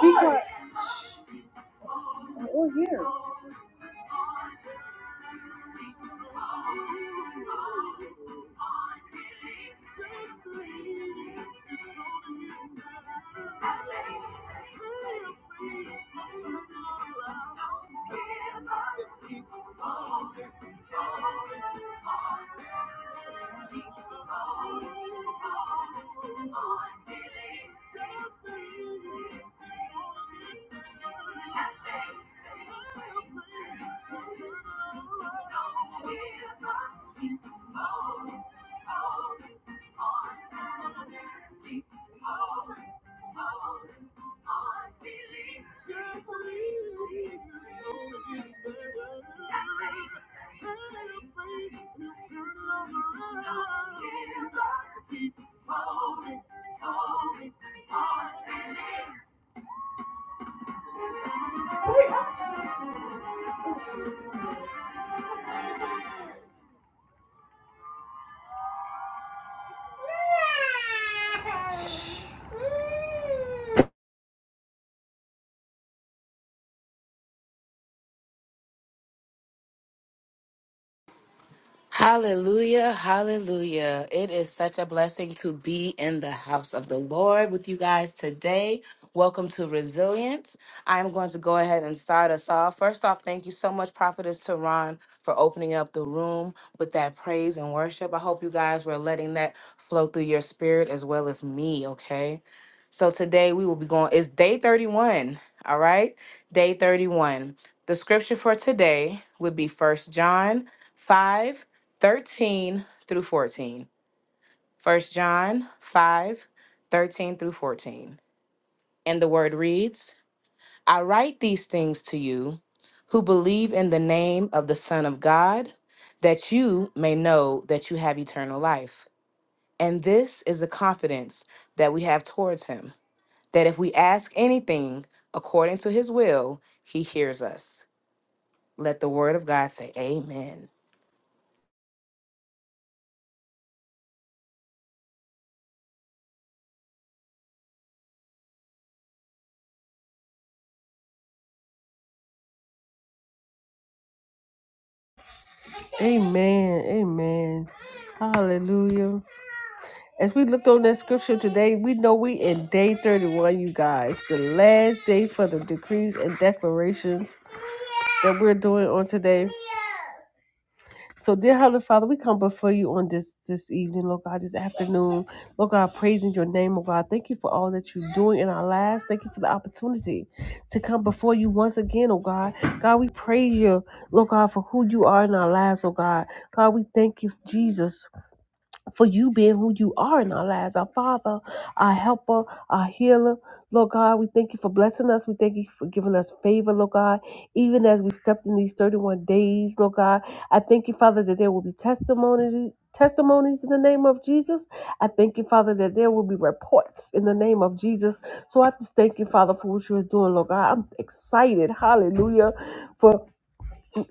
Because we're here. Hallelujah, hallelujah. It is such a blessing to be in the house of the Lord with you guys today. Welcome to Resilience. I'm going to go ahead and start us off. First off, thank you so much, Prophetess Tehran, for opening up the room with that praise and worship. I hope you guys were letting that flow through your spirit as well as me, okay? So today we will be going, it's day 31, all right? Day 31. The scripture for today would be First John 5 13 through 14. 1 John 5, 13 through 14. And the word reads I write these things to you who believe in the name of the Son of God, that you may know that you have eternal life. And this is the confidence that we have towards him, that if we ask anything according to his will, he hears us. Let the word of God say, Amen. Amen. Amen. Hallelujah. As we looked on that scripture today, we know we in day 31, you guys. The last day for the decrees and declarations that we're doing on today. So, dear Heavenly Father, we come before you on this this evening, Lord God, this afternoon. Lord God, praising your name, Lord God. Thank you for all that you're doing in our lives. Thank you for the opportunity to come before you once again, oh God. God, we praise you, Lord God, for who you are in our lives, oh God. God, we thank you, Jesus for you being who you are in our lives, our Father, our helper, our healer. Lord God, we thank you for blessing us. We thank you for giving us favor, Lord God, even as we stepped in these 31 days, Lord God. I thank you, Father, that there will be testimonies. Testimonies in the name of Jesus. I thank you, Father, that there will be reports in the name of Jesus. So I just thank you, Father, for what you are doing, Lord God. I'm excited, hallelujah, For.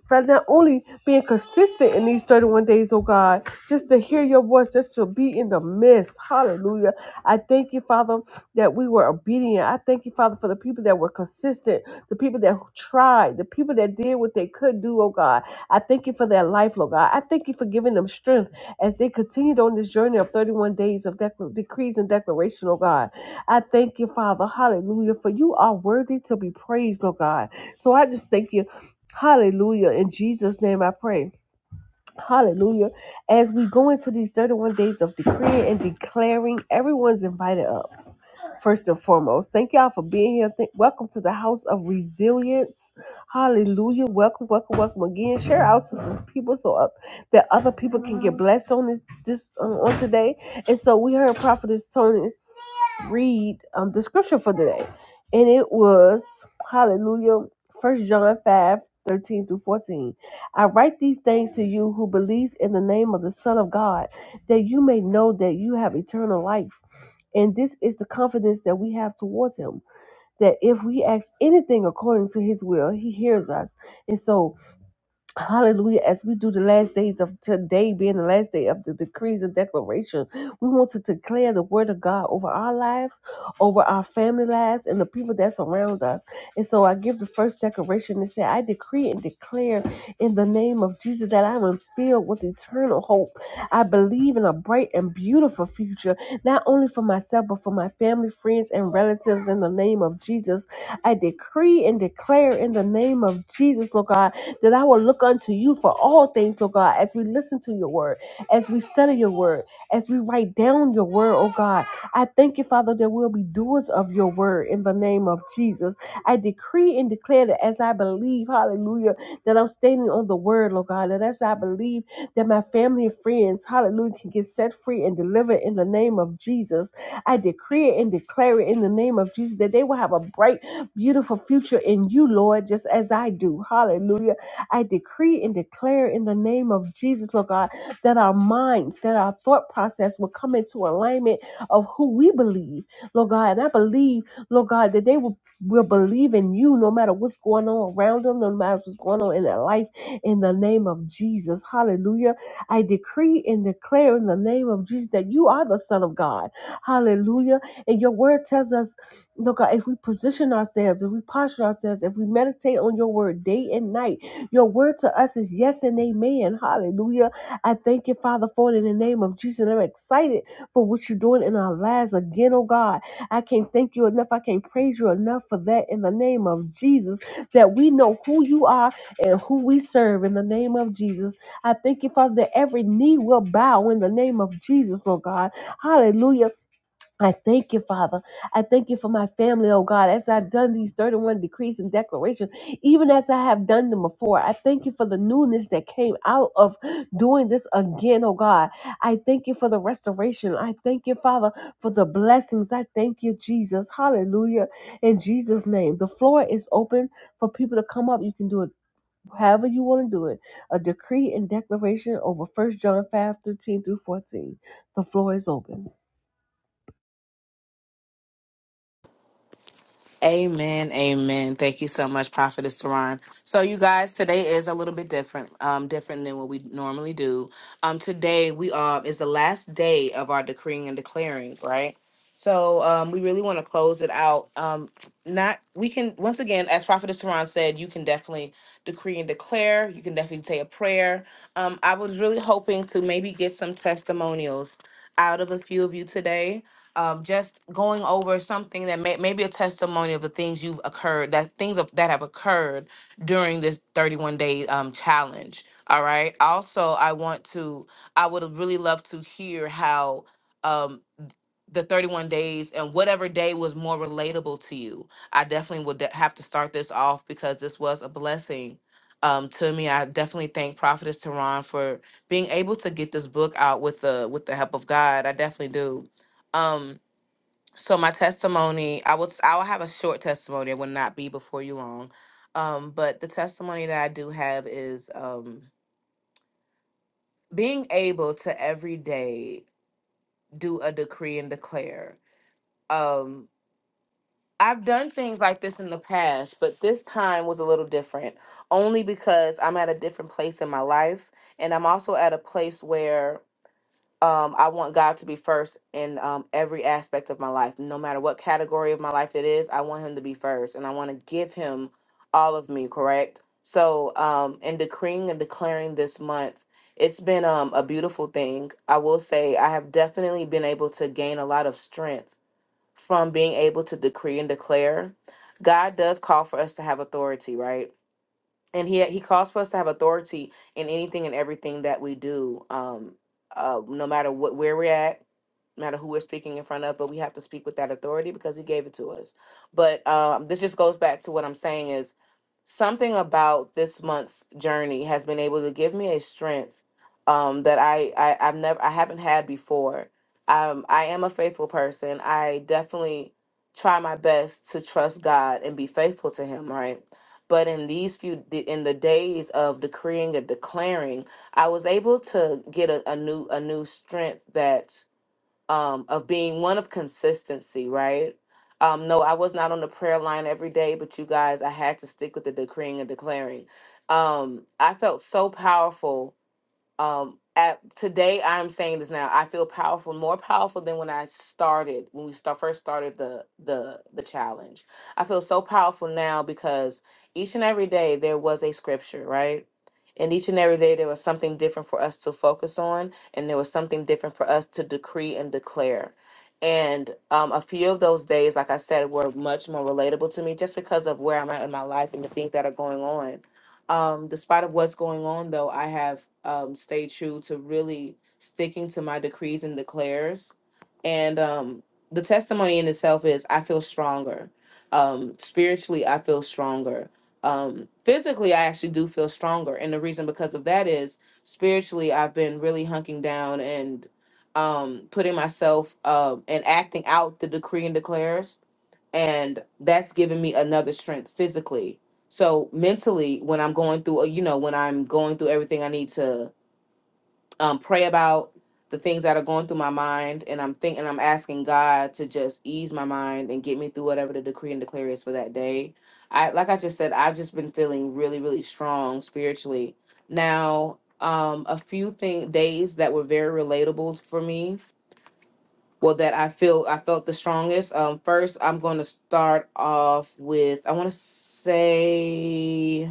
But not only being consistent in these 31 days, oh God, just to hear your voice, just to be in the midst. Hallelujah. I thank you, Father, that we were obedient. I thank you, Father, for the people that were consistent, the people that tried, the people that did what they could do, oh God. I thank you for their life, Lord God. I thank you for giving them strength as they continued on this journey of 31 days of dec- decrees and declaration, oh God. I thank you, Father. Hallelujah. For you are worthy to be praised, Lord God. So I just thank you Hallelujah. In Jesus' name I pray. Hallelujah. As we go into these 31 days of decreeing and declaring, everyone's invited up, first and foremost. Thank y'all for being here. Thank, welcome to the house of resilience. Hallelujah. Welcome, welcome, welcome again. Share out to some people so up, that other people can get blessed on this, this um, on today. And so we heard Prophetess Tony read um, the scripture for today. And it was, hallelujah, First John 5 13 through 14. I write these things to you who believes in the name of the Son of God, that you may know that you have eternal life. And this is the confidence that we have towards Him, that if we ask anything according to His will, He hears us. And so, Hallelujah. As we do the last days of today, being the last day of the decrees and declaration, we want to declare the word of God over our lives, over our family lives, and the people that surround us. And so I give the first declaration and say, I decree and declare in the name of Jesus that I am filled with eternal hope. I believe in a bright and beautiful future, not only for myself, but for my family, friends, and relatives in the name of Jesus. I decree and declare in the name of Jesus, Lord God that I will look unto you for all things, Lord God, as we listen to your word, as we study your word, as we write down your word, oh God. I thank you, Father, that we'll be doers of your word in the name of Jesus. I decree and declare that as I believe, hallelujah, that I'm standing on the word, Lord God, that as I believe that my family and friends, hallelujah, can get set free and delivered in the name of Jesus. I decree it and declare it in the name of Jesus that they will have a bright, beautiful future in you, Lord, just as I do. Hallelujah I decree and declare in the name of Jesus, Lord God, that our minds, that our thought process will come into alignment of who we believe, Lord God. And I believe, Lord God, that they will, will believe in you no matter what's going on around them, no matter what's going on in their life, in the name of Jesus. Hallelujah. I decree and declare in the name of Jesus that you are the Son of God. Hallelujah. And your word tells us, Lord God, if we position ourselves, if we posture ourselves, if we meditate on your word day and night, your word to us is yes and amen. Hallelujah. I thank you, Father, for it in the name of Jesus. And I'm excited for what you're doing in our lives again, oh God. I can't thank you enough. I can't praise you enough for that in the name of Jesus, that we know who you are and who we serve in the name of Jesus. I thank you, Father, that every knee will bow in the name of Jesus, oh God. Hallelujah I thank you, Father. I thank you for my family, oh God, as I've done these 31 decrees and declarations, even as I have done them before. I thank you for the newness that came out of doing this again, oh God. I thank you for the restoration. I thank you, Father, for the blessings. I thank you, Jesus. Hallelujah. In Jesus' name. The floor is open for people to come up. You can do it however you want to do it, a decree and declaration over First John 5 13 through 14. The floor is open. Amen, amen. Thank you so much, Prophetess Teron. So, you guys, today is a little bit different, um, different than what we normally do. Um, today we um is the last day of our decreeing and declaring, right? So, um, we really want to close it out. Um, not we can once again, as Prophetess Teron said, you can definitely decree and declare. You can definitely say a prayer. Um, I was really hoping to maybe get some testimonials out of a few of you today um, just going over something that may, maybe a testimony of the things you've occurred that things of, that have occurred during this 31 day um, challenge all right also i want to i would have really loved to hear how um, the 31 days and whatever day was more relatable to you. I definitely would de- have to start this off because this was a blessing um, to me. I definitely thank Prophetess Tehran for being able to get this book out with the with the help of God. I definitely do. Um, so my testimony, I will I will have a short testimony. It will not be before you long. Um, but the testimony that I do have is um being able to every day do a decree and declare. Um I've done things like this in the past, but this time was a little different only because I'm at a different place in my life and I'm also at a place where um, I want God to be first in um, every aspect of my life, no matter what category of my life it is. I want Him to be first, and I want to give Him all of me. Correct. So, um, in decreeing and declaring this month, it's been um, a beautiful thing. I will say I have definitely been able to gain a lot of strength from being able to decree and declare. God does call for us to have authority, right? and he he calls for us to have authority in anything and everything that we do um uh no matter what where we're at no matter who we're speaking in front of but we have to speak with that authority because he gave it to us but um this just goes back to what i'm saying is something about this month's journey has been able to give me a strength um that i, I i've never i haven't had before um i am a faithful person i definitely try my best to trust god and be faithful to him right but in these few d- in the days of decreeing and declaring i was able to get a, a new a new strength that um of being one of consistency right um no i was not on the prayer line every day but you guys i had to stick with the decreeing and declaring um i felt so powerful um at today i'm saying this now i feel powerful more powerful than when i started when we start first started the the the challenge i feel so powerful now because each and every day there was a scripture right and each and every day there was something different for us to focus on and there was something different for us to decree and declare and um, a few of those days like i said were much more relatable to me just because of where i'm at in my life and the things that are going on um, despite of what's going on, though, I have um, stayed true to really sticking to my decrees and declares. And um, the testimony in itself is I feel stronger. Um, spiritually, I feel stronger. Um, physically, I actually do feel stronger. And the reason because of that is spiritually, I've been really hunking down and um, putting myself uh, and acting out the decree and declares and that's given me another strength physically so mentally, when I'm going through, uh, you know, when I'm going through everything I need to um, pray about, the things that are going through my mind, and I'm thinking, I'm asking God to just ease my mind and get me through whatever the decree and declare is for that day. I, like I just said, I've just been feeling really, really strong spiritually. Now, um, a few thing days that were very relatable for me, well, that I feel I felt the strongest. Um, first, I'm going to start off with I want to say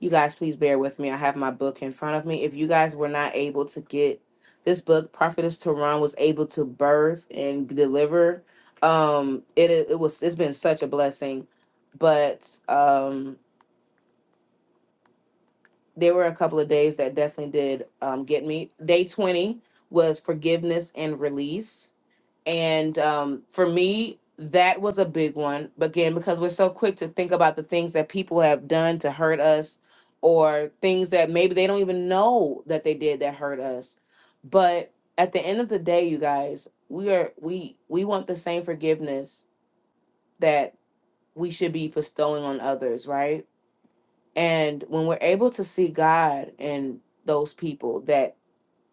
you guys please bear with me. I have my book in front of me. If you guys were not able to get this book, Prophetess Tehran was able to birth and deliver. Um, it it was it's been such a blessing, but um, there were a couple of days that definitely did um get me. Day twenty was forgiveness and release. And um, for me, that was a big one. But Again, because we're so quick to think about the things that people have done to hurt us or things that maybe they don't even know that they did that hurt us. But at the end of the day, you guys, we are we we want the same forgiveness that we should be bestowing on others, right? And when we're able to see God in those people that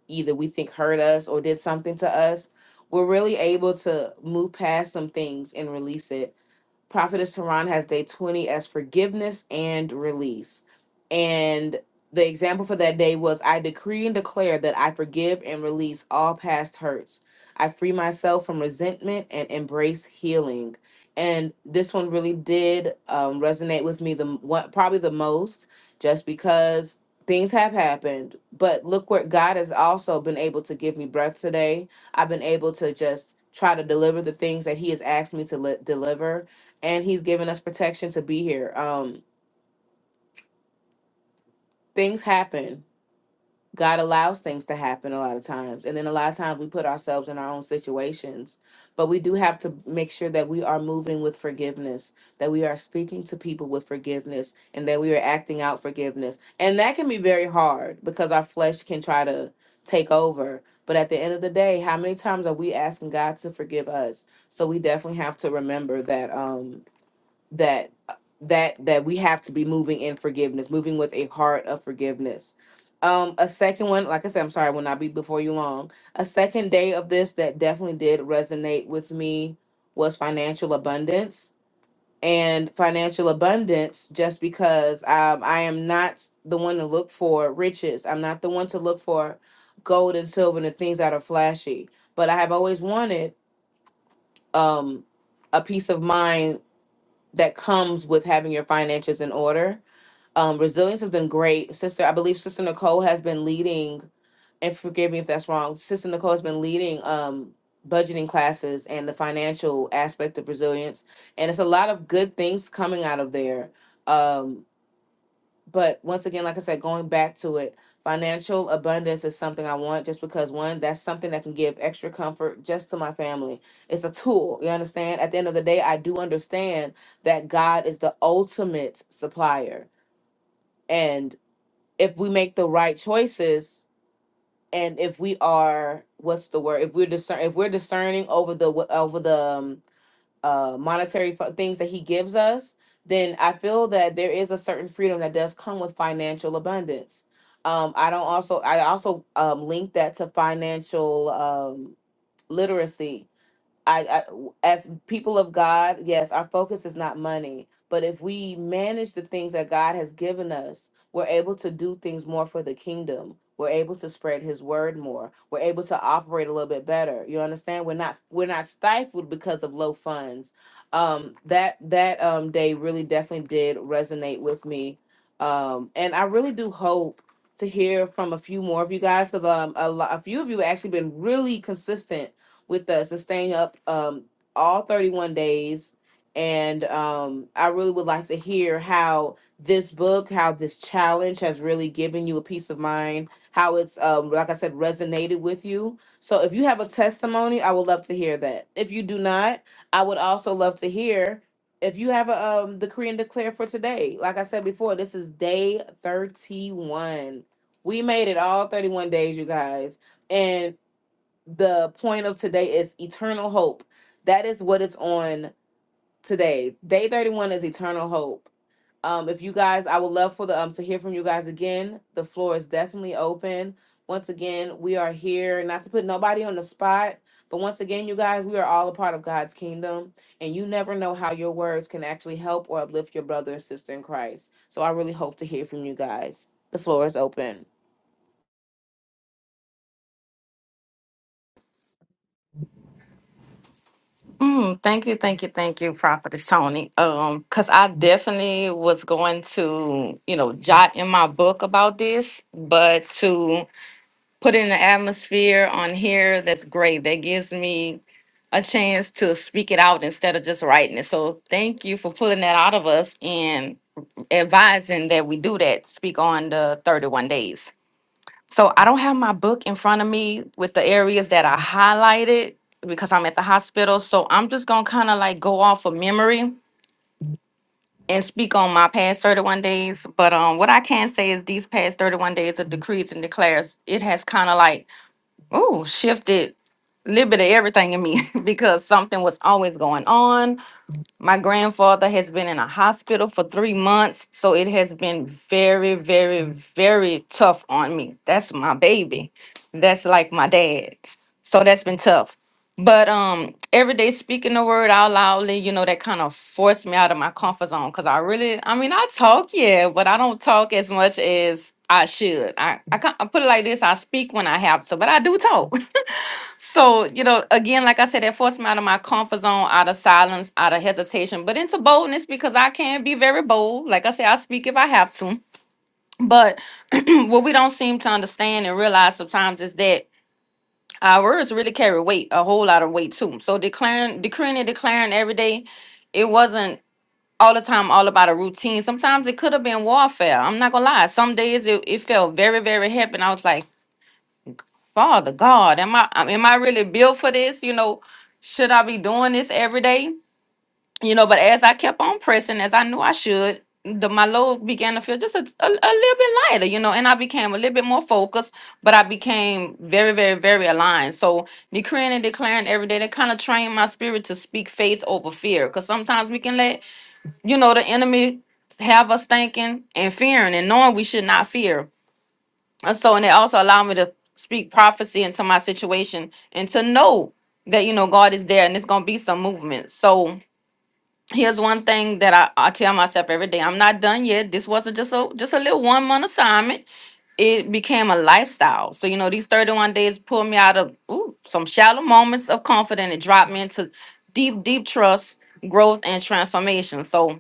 either we think hurt us or did something to us, we're really able to move past some things and release it. Prophetess Tehran has day 20 as forgiveness and release. And the example for that day was I decree and declare that I forgive and release all past hurts. I free myself from resentment and embrace healing. And this one really did um, resonate with me the m- what probably the most, just because things have happened. But look where God has also been able to give me breath today. I've been able to just try to deliver the things that He has asked me to li- deliver and he's given us protection to be here. Um, things happen. God allows things to happen a lot of times. And then a lot of times we put ourselves in our own situations. But we do have to make sure that we are moving with forgiveness, that we are speaking to people with forgiveness, and that we are acting out forgiveness. And that can be very hard because our flesh can try to take over. But at the end of the day, how many times are we asking God to forgive us? So we definitely have to remember that. Um, that that that we have to be moving in forgiveness, moving with a heart of forgiveness. Um, a second one, like I said, I'm sorry, I will not be before you long. A second day of this that definitely did resonate with me was financial abundance and financial abundance just because um, I am not the one to look for riches. I'm not the one to look for gold and silver and the things that are flashy. But I have always wanted um, a peace of mind that comes with having your finances in order. Um, resilience has been great. Sister, I believe Sister Nicole has been leading, and forgive me if that's wrong, Sister Nicole has been leading um, budgeting classes and the financial aspect of resilience. And it's a lot of good things coming out of there. Um, but once again like i said going back to it financial abundance is something i want just because one that's something that can give extra comfort just to my family it's a tool you understand at the end of the day i do understand that god is the ultimate supplier and if we make the right choices and if we are what's the word if we're discern if we're discerning over the over the um, uh, monetary fu- things that he gives us, then I feel that there is a certain freedom that does come with financial abundance. Um, I don't also I also um, link that to financial um, literacy I I as people of God, yes, our focus is not money, but if we manage the things that God has given us, we're able to do things more for the kingdom. We're able to spread his word more. We're able to operate a little bit better. You understand? We're not we're not stifled because of low funds. Um that that um day really definitely did resonate with me. Um and I really do hope to hear from a few more of you guys because um a, lo- a few of you have actually been really consistent with us and staying up um, all 31 days. And um, I really would like to hear how this book, how this challenge has really given you a peace of mind, how it's, um, like I said, resonated with you. So if you have a testimony, I would love to hear that. If you do not, I would also love to hear if you have a um, decree and declare for today. Like I said before, this is day 31. We made it all 31 days, you guys. and the point of today is eternal hope. That is what it's on today. Day 31 is eternal hope. Um, if you guys, I would love for the um to hear from you guys again. The floor is definitely open. Once again, we are here not to put nobody on the spot, but once again, you guys, we are all a part of God's kingdom, and you never know how your words can actually help or uplift your brother and sister in Christ. So I really hope to hear from you guys. The floor is open. Mm, thank you, thank you, thank you, Prophetess Tony. Um, because I definitely was going to, you know, jot in my book about this, but to put in the atmosphere on here, that's great. That gives me a chance to speak it out instead of just writing it. So thank you for pulling that out of us and advising that we do that. Speak on the 31 days. So I don't have my book in front of me with the areas that I highlighted because I'm at the hospital. So I'm just gonna kind of like go off of memory and speak on my past 31 days. But um, what I can say is these past 31 days of decrees and declares, it has kind of like ooh shifted a little bit of everything in me because something was always going on my grandfather has been in a hospital for three months, so it has been very, very, very tough on me. That's my baby. That's like my dad. So that's been tough. But um, every day speaking the word out loudly, you know, that kind of forced me out of my comfort zone because I really, I mean, I talk, yeah, but I don't talk as much as I should. I, I, can't, I put it like this: I speak when I have to, but I do talk. So, you know, again, like I said, that forced me out of my comfort zone, out of silence, out of hesitation, but into boldness because I can be very bold. Like I said, I speak if I have to. But what we don't seem to understand and realize sometimes is that our words really carry weight, a whole lot of weight too. So declaring, decreeing and declaring every day, it wasn't all the time all about a routine. Sometimes it could have been warfare. I'm not gonna lie. Some days it, it felt very, very heavy. And I was like, Father God, am I um, am I really built for this? You know, should I be doing this every day? You know, but as I kept on pressing, as I knew I should, the my load began to feel just a, a, a little bit lighter, you know, and I became a little bit more focused, but I became very, very, very aligned. So decreeing and declaring every day, that kind of trained my spirit to speak faith over fear. Cause sometimes we can let, you know, the enemy have us thinking and fearing and knowing we should not fear and so, and it also allowed me to speak prophecy into my situation and to know that, you know, God is there and it's going to be some movement. So here's one thing that I, I tell myself every day. I'm not done yet. This wasn't just a, just a little one month assignment. It became a lifestyle. So, you know, these 31 days pulled me out of ooh, some shallow moments of confidence and dropped me into deep, deep trust, growth, and transformation. So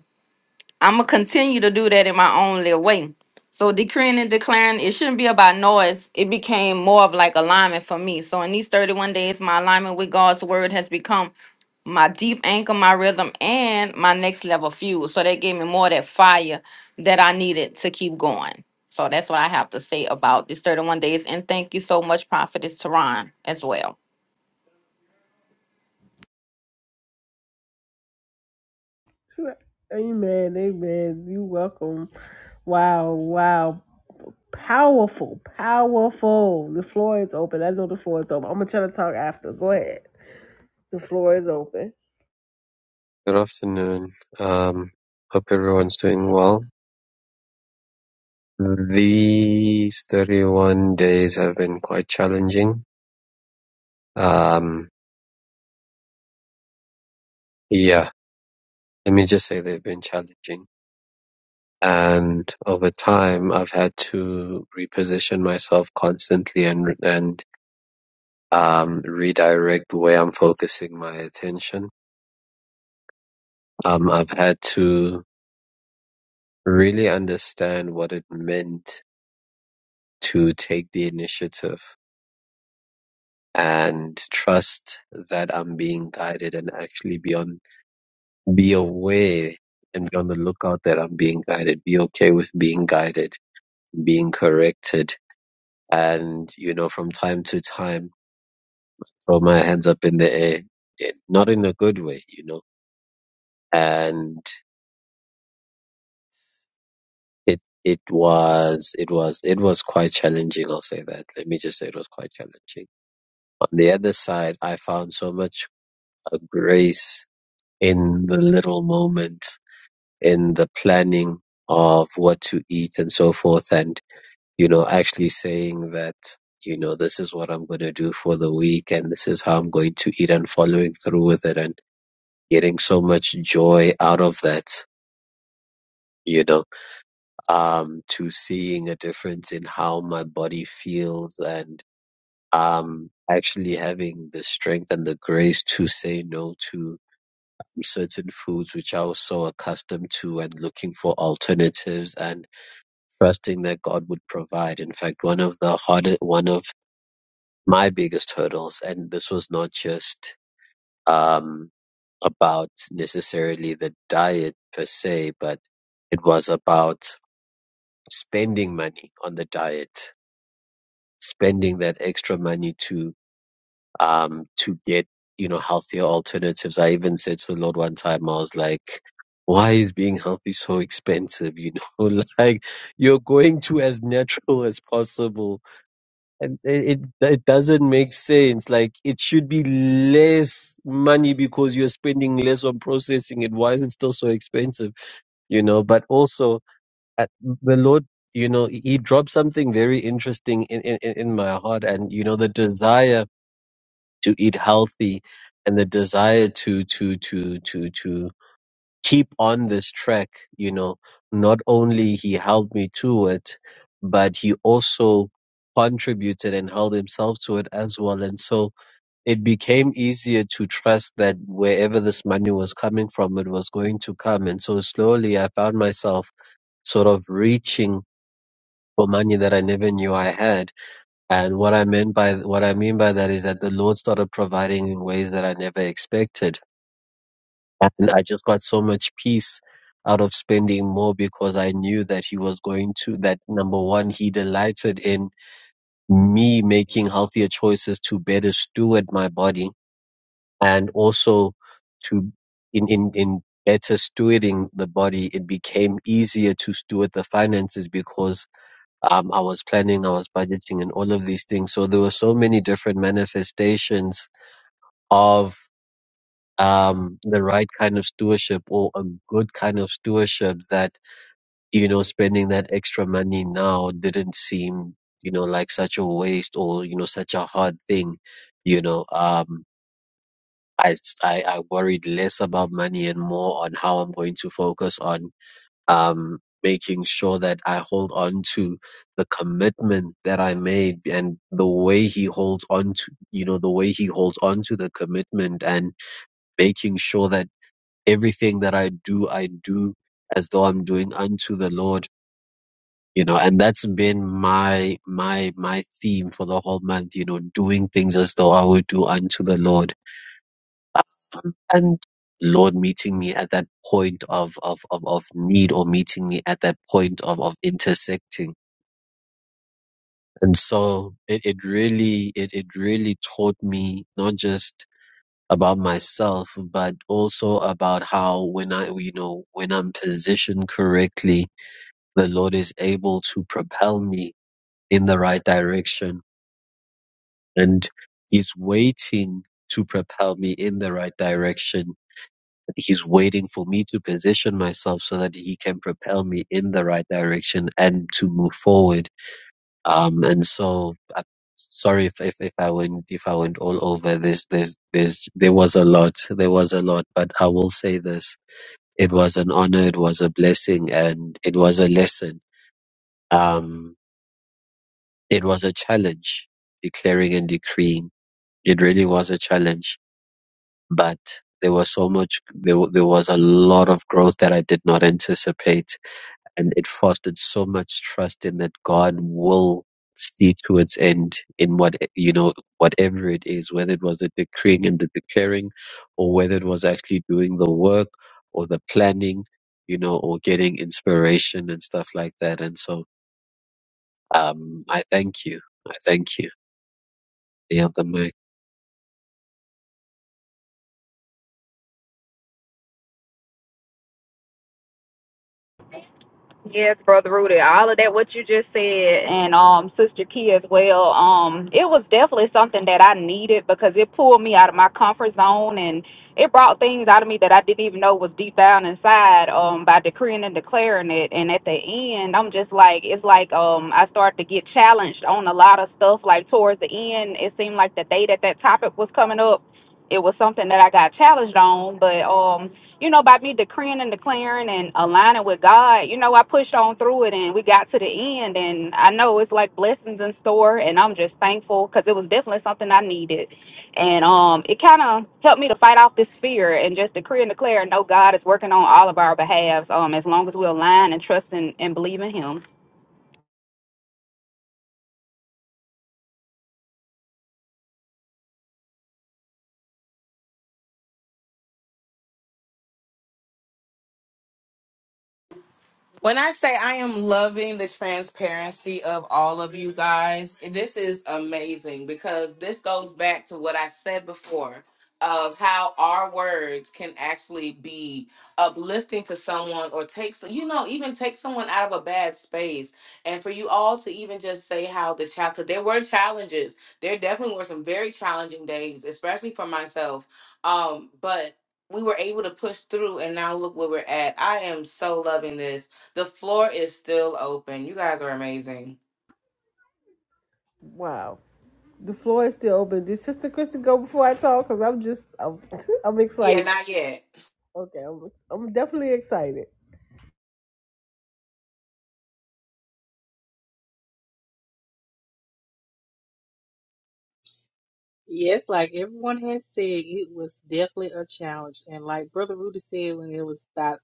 I'm gonna continue to do that in my own little way. So decreeing and declaring, it shouldn't be about noise. It became more of like alignment for me. So in these 31 days, my alignment with God's word has become my deep anchor, my rhythm, and my next level fuel. So that gave me more of that fire that I needed to keep going. So that's what I have to say about these 31 days. And thank you so much, Prophetess Teron, as well. Amen, amen. You welcome. Wow, wow. Powerful, powerful. The floor is open. I know the floor is open. I'm going to try to talk after. Go ahead. The floor is open. Good afternoon. Um, hope everyone's doing well. These 31 days have been quite challenging. Um, yeah, let me just say they've been challenging. And over time, I've had to reposition myself constantly and, and, um, redirect where I'm focusing my attention. Um, I've had to really understand what it meant to take the initiative and trust that I'm being guided and actually be on be aware and be on the lookout that I'm being guided. Be okay with being guided, being corrected. And, you know, from time to time, throw my hands up in the air. It- Not in a good way, you know. And it it was it was it was quite challenging, I'll say that. Let me just say it was quite challenging. On the other side, I found so much uh, grace in the little moments in the planning of what to eat and so forth and you know actually saying that you know this is what i'm going to do for the week and this is how i'm going to eat and following through with it and getting so much joy out of that you know um to seeing a difference in how my body feels and um actually having the strength and the grace to say no to certain foods which I was so accustomed to and looking for alternatives and trusting that God would provide. In fact, one of the hardest, one of my biggest hurdles, and this was not just um, about necessarily the diet per se, but it was about spending money on the diet, spending that extra money to um, to get you know healthier alternatives. I even said to the Lord one time, I was like. Why is being healthy so expensive? You know, like you're going to as natural as possible and it it it doesn't make sense. Like it should be less money because you're spending less on processing it. Why is it still so expensive? You know, but also at the Lord, you know, He he dropped something very interesting in, in, in in my heart, and you know, the desire to eat healthy and the desire to to to to to keep on this track, you know, not only he held me to it, but he also contributed and held himself to it as well. And so it became easier to trust that wherever this money was coming from, it was going to come. And so slowly I found myself sort of reaching for money that I never knew I had. And what I meant by, what I mean by that is that the Lord started providing in ways that I never expected and I just got so much peace out of spending more because I knew that he was going to that number one, he delighted in me making healthier choices to better steward my body and also to in in, in better stewarding the body, it became easier to steward the finances because um, I was planning, I was budgeting and all of these things. So there were so many different manifestations of um, the right kind of stewardship or a good kind of stewardship that, you know, spending that extra money now didn't seem, you know, like such a waste or, you know, such a hard thing, you know, um, I, s- I, I worried less about money and more on how I'm going to focus on, um, making sure that I hold on to the commitment that I made and the way he holds on to, you know, the way he holds on to the commitment and making sure that everything that I do, I do as though I'm doing unto the Lord, you know, and that's been my, my, my theme for the whole month, you know, doing things as though I would do unto the Lord. Um, and Lord meeting me at that point of, of, of, of need or meeting me at that point of, of intersecting. And so it, it really, it, it really taught me not just about myself, but also about how when I, you know, when I'm positioned correctly, the Lord is able to propel me in the right direction. And He's waiting to propel me in the right direction. He's waiting for me to position myself so that He can propel me in the right direction and to move forward. Um, and so, I, sorry if, if if I went if I went all over this. There's there's there was a lot. There was a lot, but I will say this: it was an honor, it was a blessing, and it was a lesson. Um, It was a challenge, declaring and decreeing. It really was a challenge, but there was so much, there, wa- there was a lot of growth that I did not anticipate. And it fostered so much trust in that God will see to its end in what, you know, whatever it is, whether it was the decreeing and the declaring or whether it was actually doing the work or the planning, you know, or getting inspiration and stuff like that. And so, um, I thank you. I thank you. Yield the mic. Yes, Brother Rudy, all of that what you just said and um Sister Key as well, um, it was definitely something that I needed because it pulled me out of my comfort zone and it brought things out of me that I didn't even know was deep down inside, um, by decreeing and declaring it. And at the end I'm just like it's like um I started to get challenged on a lot of stuff. Like towards the end, it seemed like the day that that topic was coming up, it was something that I got challenged on. But um you know, by me decreeing and declaring and aligning with God, you know, I pushed on through it and we got to the end. And I know it's like blessings in store. And I'm just thankful because it was definitely something I needed. And um, it kind of helped me to fight off this fear and just decree and declare, no, God is working on all of our behalves um, as long as we align and trust and, and believe in Him. When I say I am loving the transparency of all of you guys, this is amazing because this goes back to what I said before of how our words can actually be uplifting to someone or take so- you know even take someone out of a bad space and for you all to even just say how the child because there were challenges there definitely were some very challenging days especially for myself um but we were able to push through and now look where we're at i am so loving this the floor is still open. You guys are amazing. Wow. The floor is still open. Did Sister Kristen go before I talk? Cause I'm just, I'm, I'm Yeah, excited. not yet. Okay, I'm, I'm definitely excited. Yes, like everyone has said, it was definitely a challenge. And like Brother Rudy said, when it was about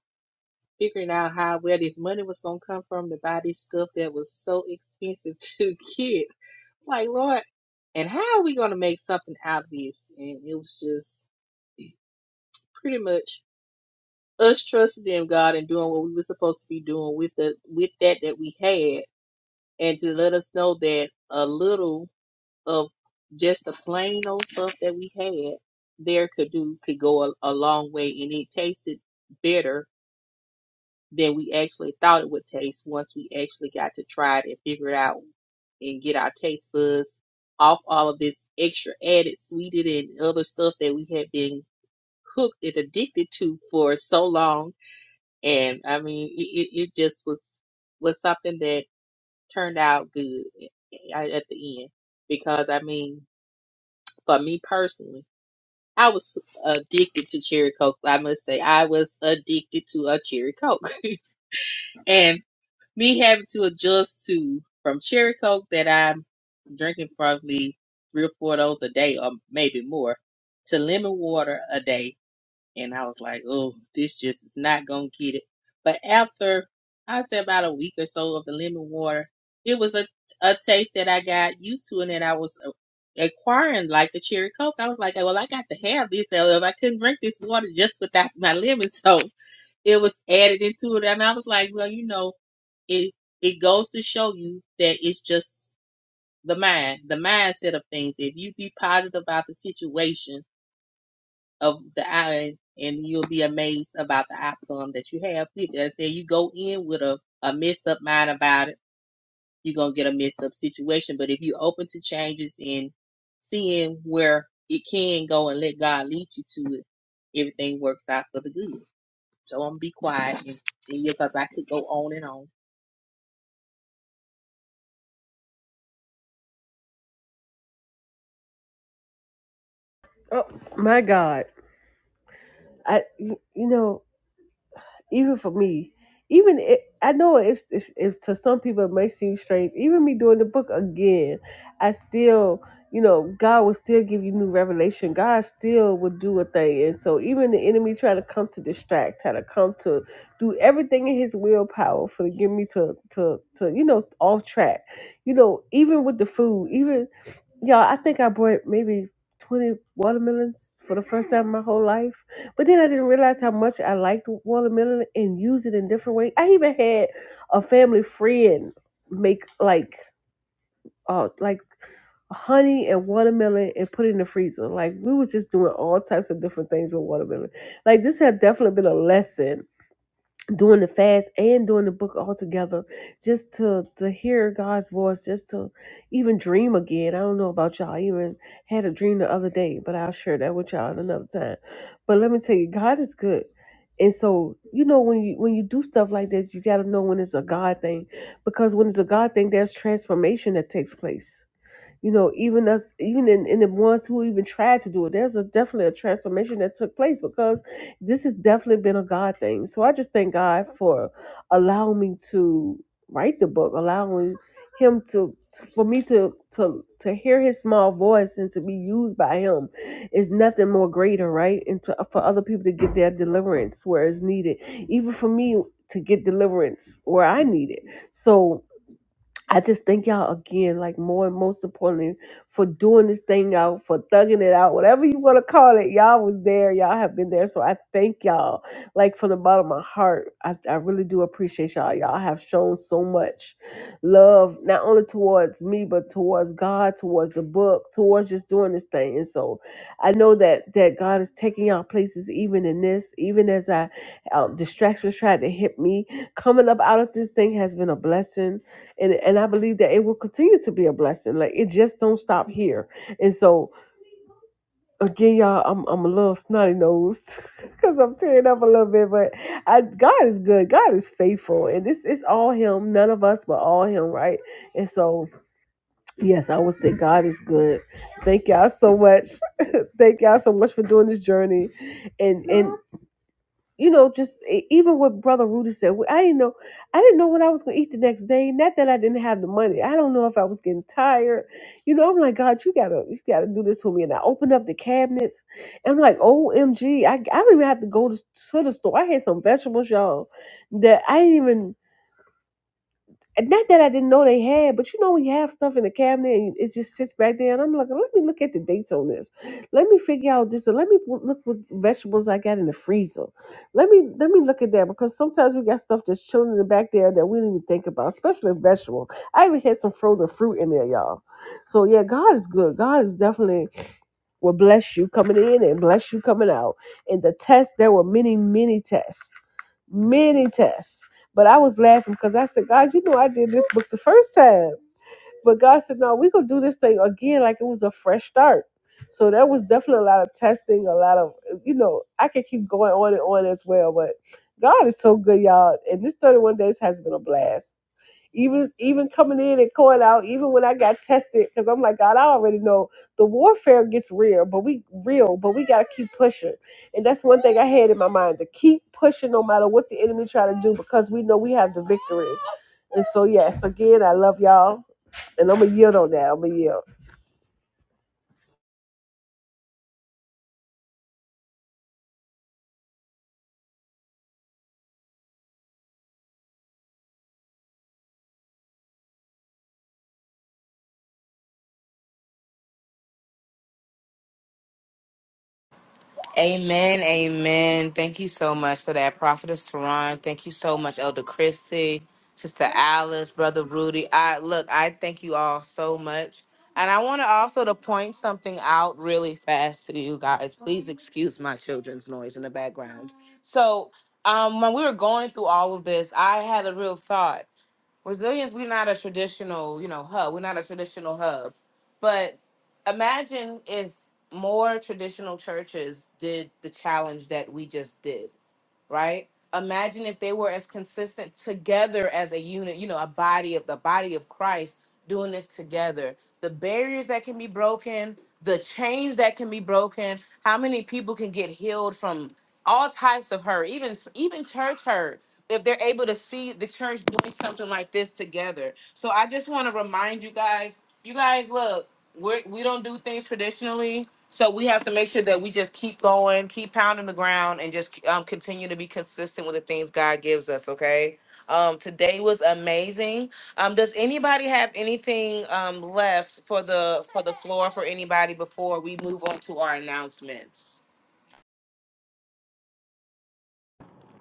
figuring out how where this money was gonna come from to buy this stuff that was so expensive to get. Like, Lord, and how are we gonna make something out of this? And it was just pretty much us trusting in God and doing what we were supposed to be doing with the with that that we had, and to let us know that a little. of just the plain old stuff that we had there could do could go a, a long way and it tasted better than we actually thought it would taste once we actually got to try it and figure it out and get our taste buds off all of this extra added sweetened and other stuff that we had been hooked and addicted to for so long and i mean it, it, it just was was something that turned out good at, at the end because i mean for me personally I was addicted to cherry coke. I must say, I was addicted to a cherry coke, and me having to adjust to from cherry coke that I'm drinking probably three or four of those a day, or maybe more, to lemon water a day. And I was like, oh, this just is not going to get it. But after, I'd say about a week or so of the lemon water, it was a, a taste that I got used to and that I was uh, acquiring like the cherry coke. I was like, well, I got to have this. so if I couldn't drink this water just without my lemon. So it was added into it. And I was like, well, you know, it, it goes to show you that it's just the mind, the mindset of things. If you be positive about the situation, of the eye, and you'll be amazed about the outcome that you have. As I say you go in with a, a messed up mind about it, you're gonna get a messed up situation. But if you're open to changes and seeing where it can go and let God lead you to it, everything works out for the good. So I'm gonna be quiet and because I could go on and on. Oh my God! I, you you know, even for me, even it, I know it's, it's if to some people it may seem strange. Even me doing the book again, I still, you know, God will still give you new revelation. God still will do a thing, and so even the enemy trying to come to distract, trying to come to do everything in his willpower for to get me to to to you know off track. You know, even with the food, even yeah, I think I bought maybe 20 watermelons for the first time in my whole life. But then I didn't realize how much I liked watermelon and use it in different ways. I even had a family friend make like uh like honey and watermelon and put it in the freezer. Like we was just doing all types of different things with watermelon. Like this had definitely been a lesson doing the fast and doing the book all together just to to hear god's voice just to even dream again i don't know about y'all I even had a dream the other day but i'll share that with y'all at another time but let me tell you god is good and so you know when you when you do stuff like that you got to know when it's a god thing because when it's a god thing there's transformation that takes place you know, even us, even in, in the ones who even tried to do it, there's a definitely a transformation that took place because this has definitely been a God thing. So I just thank God for allowing me to write the book, allowing him to to for me to to to hear his small voice and to be used by him is nothing more greater, right? And to, for other people to get their deliverance where it's needed, even for me to get deliverance where I need it. So I just thank y'all again, like more and most importantly, for doing this thing out, for thugging it out, whatever you want to call it. Y'all was there. Y'all have been there. So I thank y'all, like from the bottom of my heart. I, I really do appreciate y'all. Y'all have shown so much love, not only towards me, but towards God, towards the book, towards just doing this thing. And so I know that that God is taking y'all places, even in this, even as I um, distractions tried to hit me. Coming up out of this thing has been a blessing and and I believe that it will continue to be a blessing. Like it just don't stop here. And so again, y'all, I'm I'm a little snotty nosed because I'm tearing up a little bit, but I God is good. God is faithful, and this is all Him. None of us, but all Him, right? And so yes, I would say God is good. Thank y'all so much. Thank y'all so much for doing this journey, and and you know, just e- even what Brother Rudy said, we- I didn't know, I didn't know what I was going to eat the next day. Not that I didn't have the money. I don't know if I was getting tired. You know, I'm like, God, you gotta, you gotta do this for me. And I opened up the cabinets, and I'm like, omgii don't even have to go to, to the store. I had some vegetables, y'all, that I didn't even. And not that I didn't know they had, but you know when you have stuff in the cabinet and it just sits back there, and I'm like, let me look at the dates on this. Let me figure out this, and let me w- look what vegetables I got in the freezer. Let me let me look at that because sometimes we got stuff just chilling in the back there that we didn't even think about, especially vegetables. I even had some frozen fruit in there, y'all. So yeah, God is good. God is definitely will bless you coming in and bless you coming out. And the tests, there were many, many tests many tests. But I was laughing because I said, God, you know I did this book the first time. But God said, No, we're gonna do this thing again like it was a fresh start. So there was definitely a lot of testing, a lot of you know, I could keep going on and on as well, but God is so good, y'all. And this 31 days has been a blast. Even even coming in and going out, even when I got tested, because I'm like, God, I already know the warfare gets real, but we real, but we gotta keep pushing. And that's one thing I had in my mind to keep pushing no matter what the enemy try to do, because we know we have the victory. And so yes, again, I love y'all. And I'm gonna yield on that. I'm gonna yield. Amen. Amen. Thank you so much for that, Prophetess Saran. Thank you so much, Elder Christy, Sister Alice, Brother Rudy. I look, I thank you all so much. And I want to also to point something out really fast to you guys. Please excuse my children's noise in the background. So um when we were going through all of this, I had a real thought Resilience, we're not a traditional, you know, hub. We're not a traditional hub. But imagine if more traditional churches did the challenge that we just did right? Imagine if they were as consistent together as a unit, you know, a body of the body of Christ doing this together. The barriers that can be broken, the chains that can be broken, how many people can get healed from all types of hurt, even even church hurt. If they're able to see the church doing something like this together. So I just want to remind you guys, you guys look, we're, we don't do things traditionally so we have to make sure that we just keep going, keep pounding the ground, and just um, continue to be consistent with the things God gives us. Okay. Um, today was amazing. Um, does anybody have anything um, left for the for the floor for anybody before we move on to our announcements?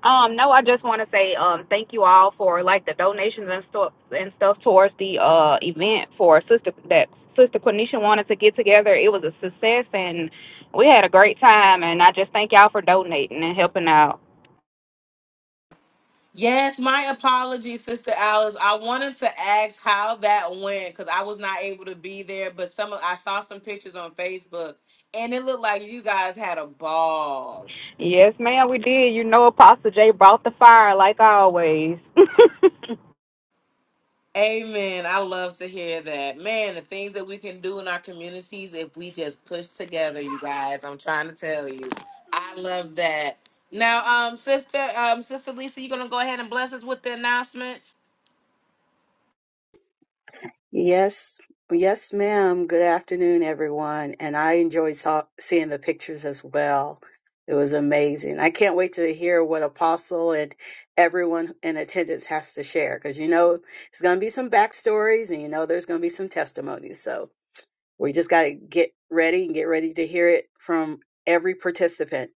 Um, no, I just want to say um, thank you all for like the donations and stuff and stuff towards the uh event for sister that sister Quenisha wanted to get together. It was a success and we had a great time. And I just thank y'all for donating and helping out. Yes, my apologies, Sister Alice. I wanted to ask how that went because I was not able to be there, but some of, I saw some pictures on Facebook, and it looked like you guys had a ball. Yes, ma'am, we did. You know, Apostle J brought the fire like always. Amen. I love to hear that. Man, the things that we can do in our communities if we just push together, you guys. I'm trying to tell you. I love that. Now, um, sister, um, sister Lisa, you gonna go ahead and bless us with the announcements? Yes, yes, ma'am. Good afternoon, everyone. And I enjoyed saw, seeing the pictures as well. It was amazing. I can't wait to hear what Apostle and everyone in attendance has to share because you know it's going to be some backstories and you know there's going to be some testimonies. So we just got to get ready and get ready to hear it from every participant.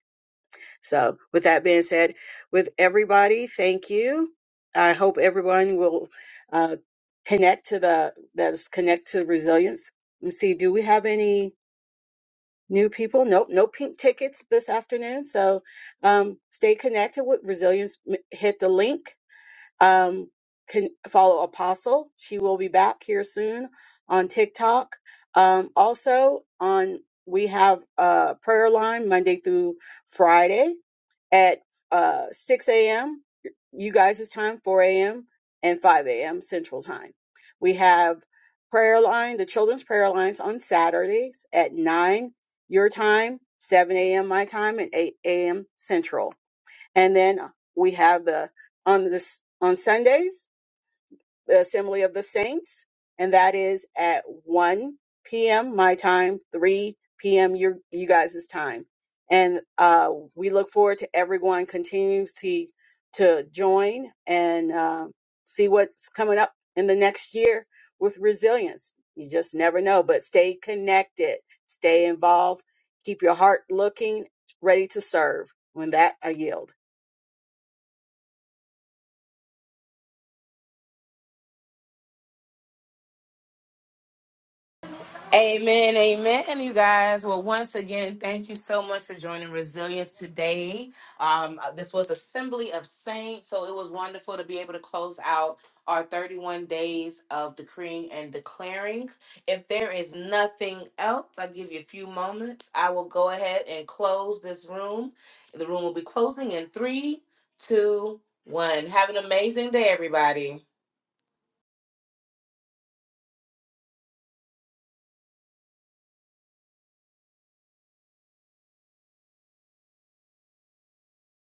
So, with that being said, with everybody, thank you. I hope everyone will uh, connect to the that's connect to resilience. Let me see. Do we have any new people? Nope, no pink tickets this afternoon. So, um, stay connected with resilience. M- Hit the link. Um, can follow Apostle. She will be back here soon on TikTok. Um, also on we have a prayer line Monday through Friday at uh, 6 a.m. you guys' time, 4 a.m., and 5 a.m. Central Time. We have prayer line, the children's prayer lines on Saturdays at 9 your time, 7 a.m. my time, and 8 a.m. Central. And then we have the on this on Sundays the Assembly of the Saints, and that is at 1 p.m. my time, 3 p.m. your you guys' time. And uh, we look forward to everyone continues to to join and uh, see what's coming up in the next year with resilience. You just never know, but stay connected, stay involved, keep your heart looking, ready to serve. When that, I yield. Amen, amen, you guys. Well, once again, thank you so much for joining Resilience today. Um, uh, this was Assembly of Saints, so it was wonderful to be able to close out our 31 days of decreeing and declaring. If there is nothing else, I'll give you a few moments. I will go ahead and close this room. The room will be closing in three, two, one. Have an amazing day, everybody.